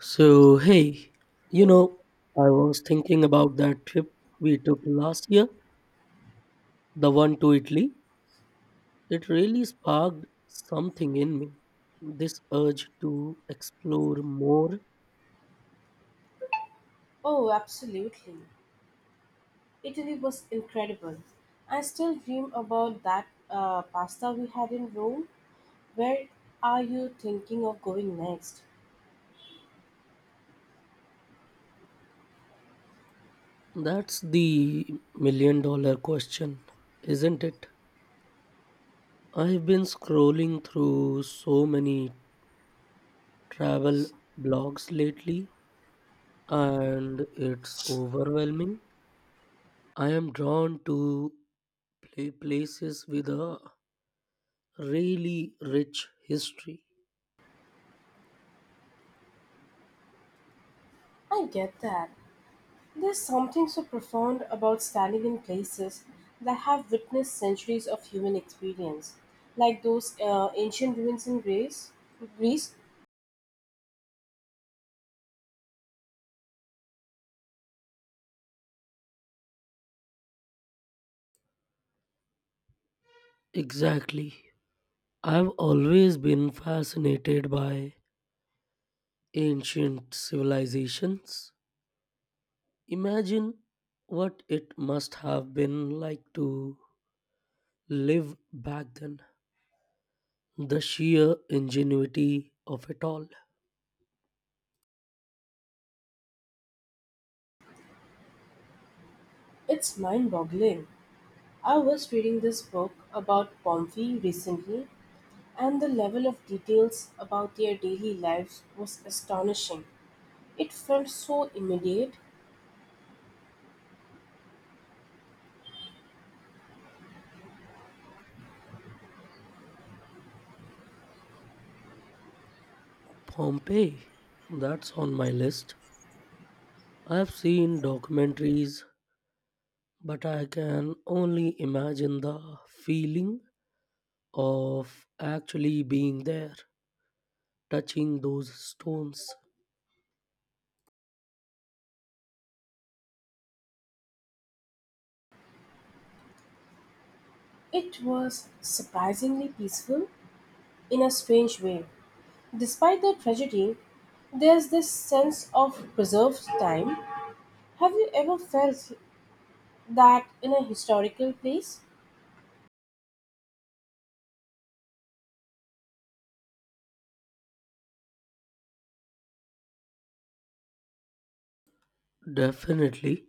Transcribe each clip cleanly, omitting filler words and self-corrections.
So, hey, you Hey. know, I was thinking about that trip we took last year, the one to Italy. It really sparked something in me, this urge to explore more. Oh, absolutely. Italy was incredible. I still dream about that pasta we had in Rome. Where are you thinking of going next? That's the million dollar question, isn't it? I've been scrolling through so many travel blogs lately, and it's overwhelming. I am drawn to places with a really rich history. I get that. There's something so profound about standing in places that have witnessed centuries of human experience, like those ancient ruins in Greece. Greece, Exactly. I've always been fascinated by ancient civilizations. Imagine what it must have been like to live back then. The sheer ingenuity of it all. it's mind-boggling. I was reading this book about Pompeii recently, and the level of details about their daily lives was astonishing. It felt so immediate. Pompeii, that's on my list. I've seen documentaries, but I can only imagine the feeling of actually being there, touching those stones. It was surprisingly peaceful in a strange way. Despite the tragedy, there's this sense of preserved time. Have you ever felt that in a historical place? Definitely.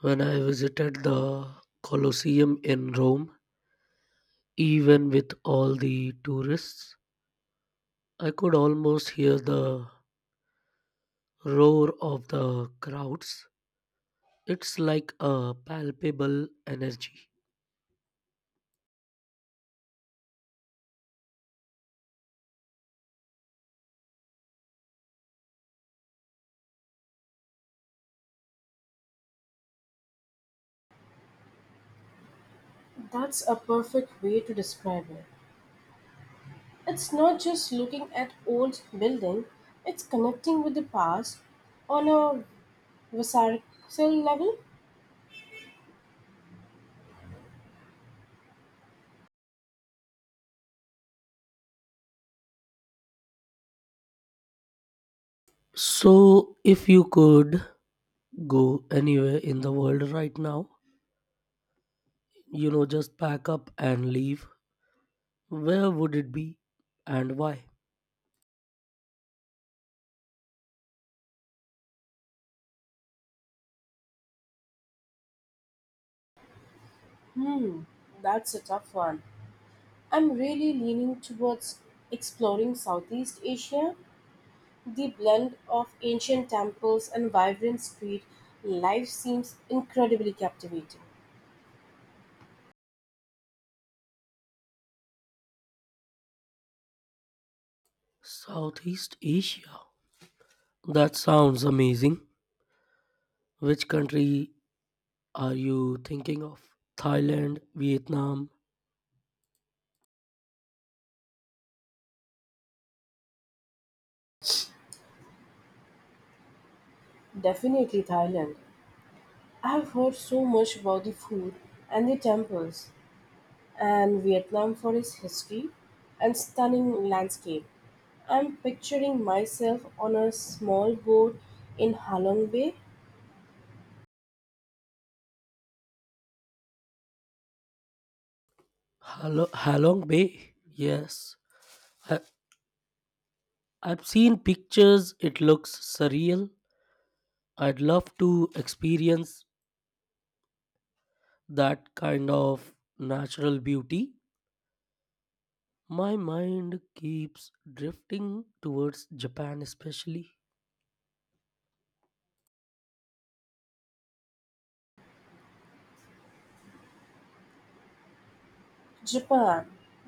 When I visited the Colosseum in Rome, even with all the tourists, I could almost hear the roar of the crowds. It's like a palpable energy. That's a perfect way to describe it. It's not just looking at old building, it's connecting with the past on a visceral level. So, if you could go anywhere in the world right now, just pack up and leave, where would it be and why? Hmm, that's a tough one. I'm really leaning towards exploring Southeast Asia. The blend of ancient temples and vibrant street life seems incredibly captivating. Southeast Asia. That sounds amazing. Which country are you thinking of? Thailand, Vietnam, Definitely Thailand. I've heard so much about the food and the temples, and Vietnam for its history and stunning landscape. I'm picturing myself on a small boat in Halong Bay. Halong Bay? Yes. I- I've seen pictures, it looks surreal. I'd love to experience that kind of natural beauty. My mind keeps drifting towards Japan, especially. Japan.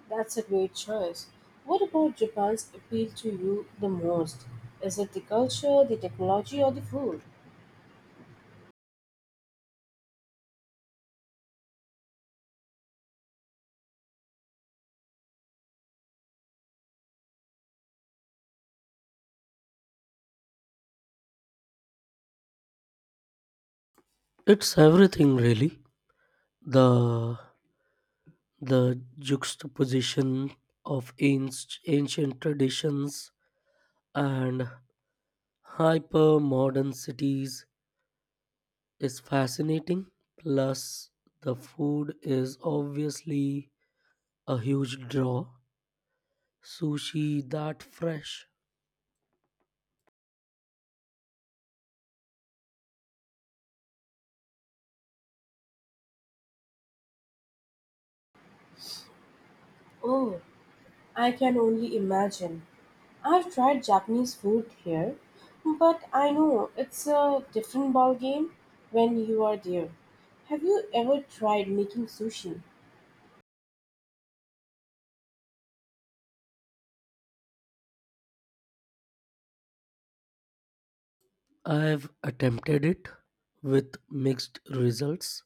That's a great choice. What about Japan's appeal to you the most? Is it the culture, the technology, or the food? It's everything, really. The the juxtaposition of ancient traditions and hyper modern cities is fascinating. Plus, the food is obviously a huge draw. Sushi that fresh. Oh, I can only imagine. I've tried Japanese food here, but I know it's a different ball game when you are there. Have you ever tried making sushi? I've attempted it with mixed results.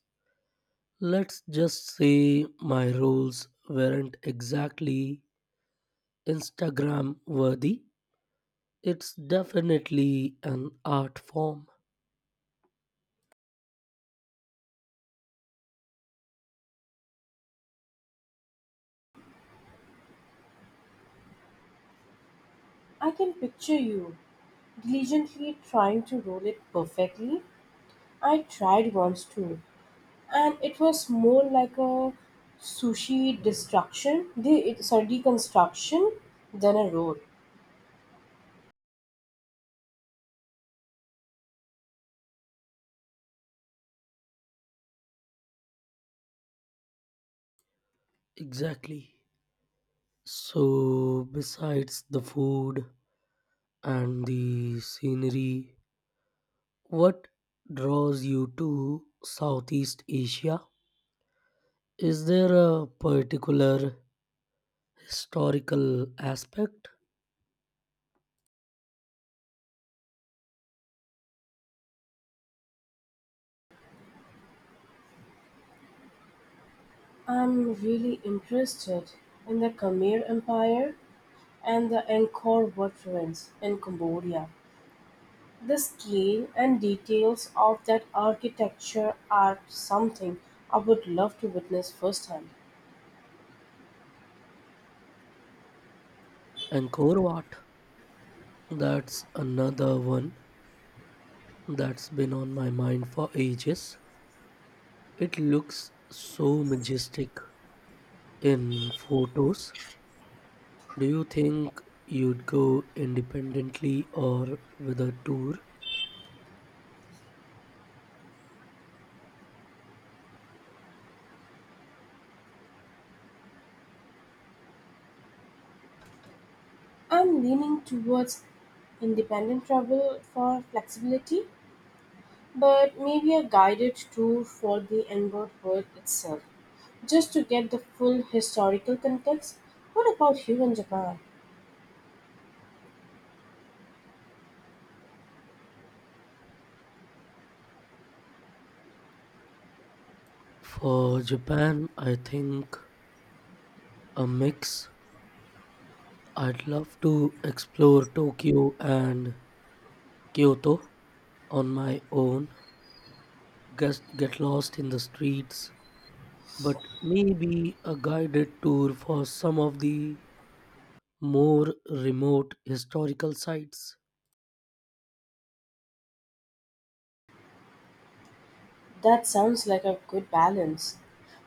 Let's just say my rolls weren't exactly Instagram worthy. It's definitely an art form. I can picture you diligently trying to roll it perfectly. I tried once too, and it was more like a sushi destruction, the, sorry, deconstruction than a road. Exactly. So, besides the food and the scenery, what draws you to Southeast Asia? Is there a particular historical aspect? I'm really interested in the Khmer empire and the Angkor Wat ruins in Cambodia. The scale and details of that architecture are something I would love to witness firsthand. Angkor Wat, that's another one that's been on my mind for ages. It looks so majestic in photos. Do you think you'd go independently or with a tour? I'm leaning towards independent travel for flexibility, but maybe a guided tour for the Enbought World itself, just to get the full historical context. What about you and Japan? For Japan, I think a mix. I'd love to explore Tokyo and Kyoto on my own, guess, get lost in the streets, but maybe a guided tour for some of the more remote historical sites. That sounds like a good balance.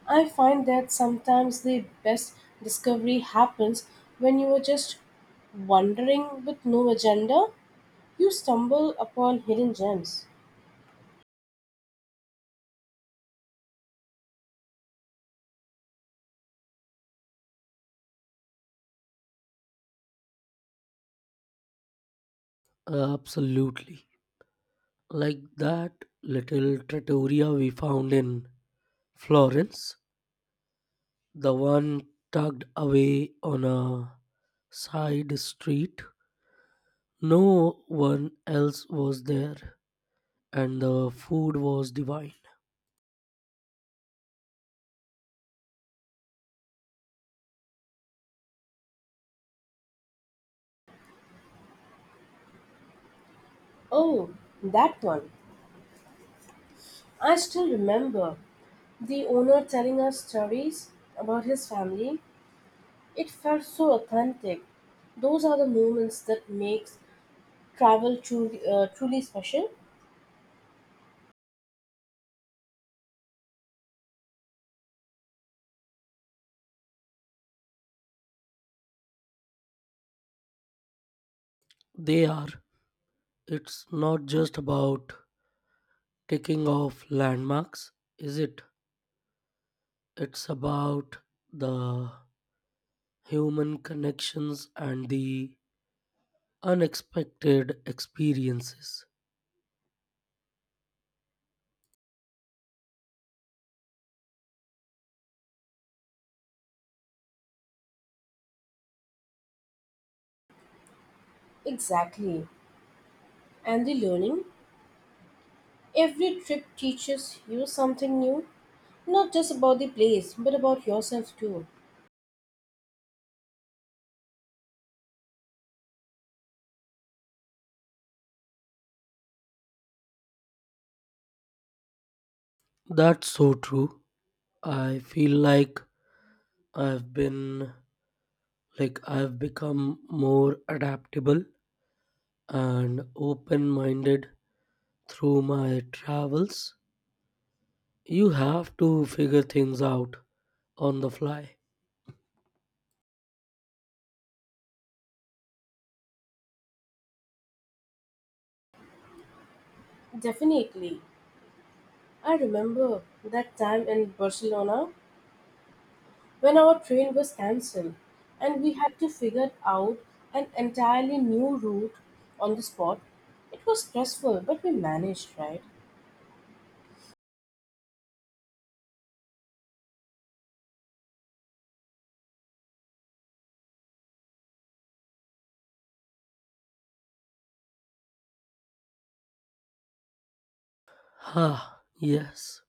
I find that sometimes the best discovery happens when you are just wandering with no agenda. You stumble upon hidden gems. Absolutely. Like that little trattoria we found in Florence. The one tucked away on a side street. No one else was there, and the food was divine. Oh, that one. I still remember the owner telling us stories about his family. It felt so authentic. Those are the moments that makes travel truly, truly special. They are. It's not just about taking off landmarks, is it? It's about the human connections and the unexpected experiences. Exactly. And the learning. Every trip teaches you something new, not just about the place, but about yourself too. That's so true. I feel like I've been like I've become more adaptable and open minded through my travels. You have to figure things out on the fly. Definitely. I remember that time in Barcelona when our train was cancelled and we had to figure out an entirely new route on the spot. It was stressful, but we managed, right? Ah, yes,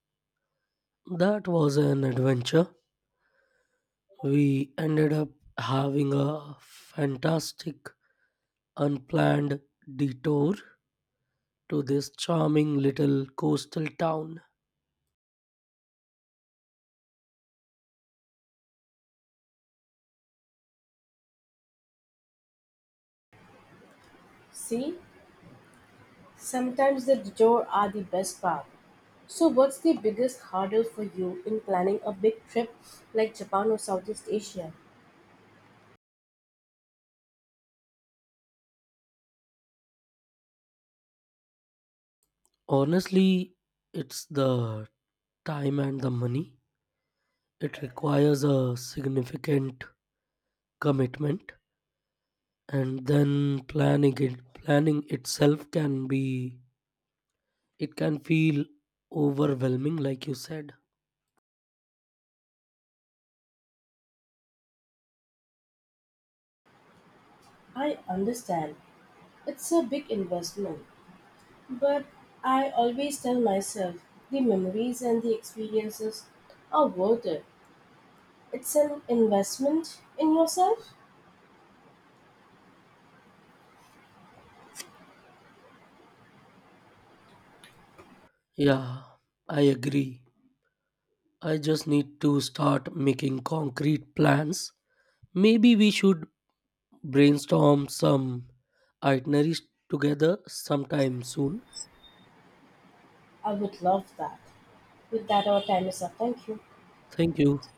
that was an adventure. We ended up having a fantastic unplanned detour to this charming little coastal town. See, sometimes the detour are the best part. So, what's the biggest hurdle for you in planning a big trip like Japan or Southeast Asia? Honestly, it's the time and the money. It requires a significant commitment, and then planning it planning itself can be it can feel overwhelming like you said. I understand it's a big investment, but I always tell myself the memories and the experiences are worth it. It's an investment in yourself. Yeah, I agree. I just need to start making concrete plans. Maybe we should brainstorm some itineraries together sometime soon. I would love that. With that, our time is up. Thank you. Thank you.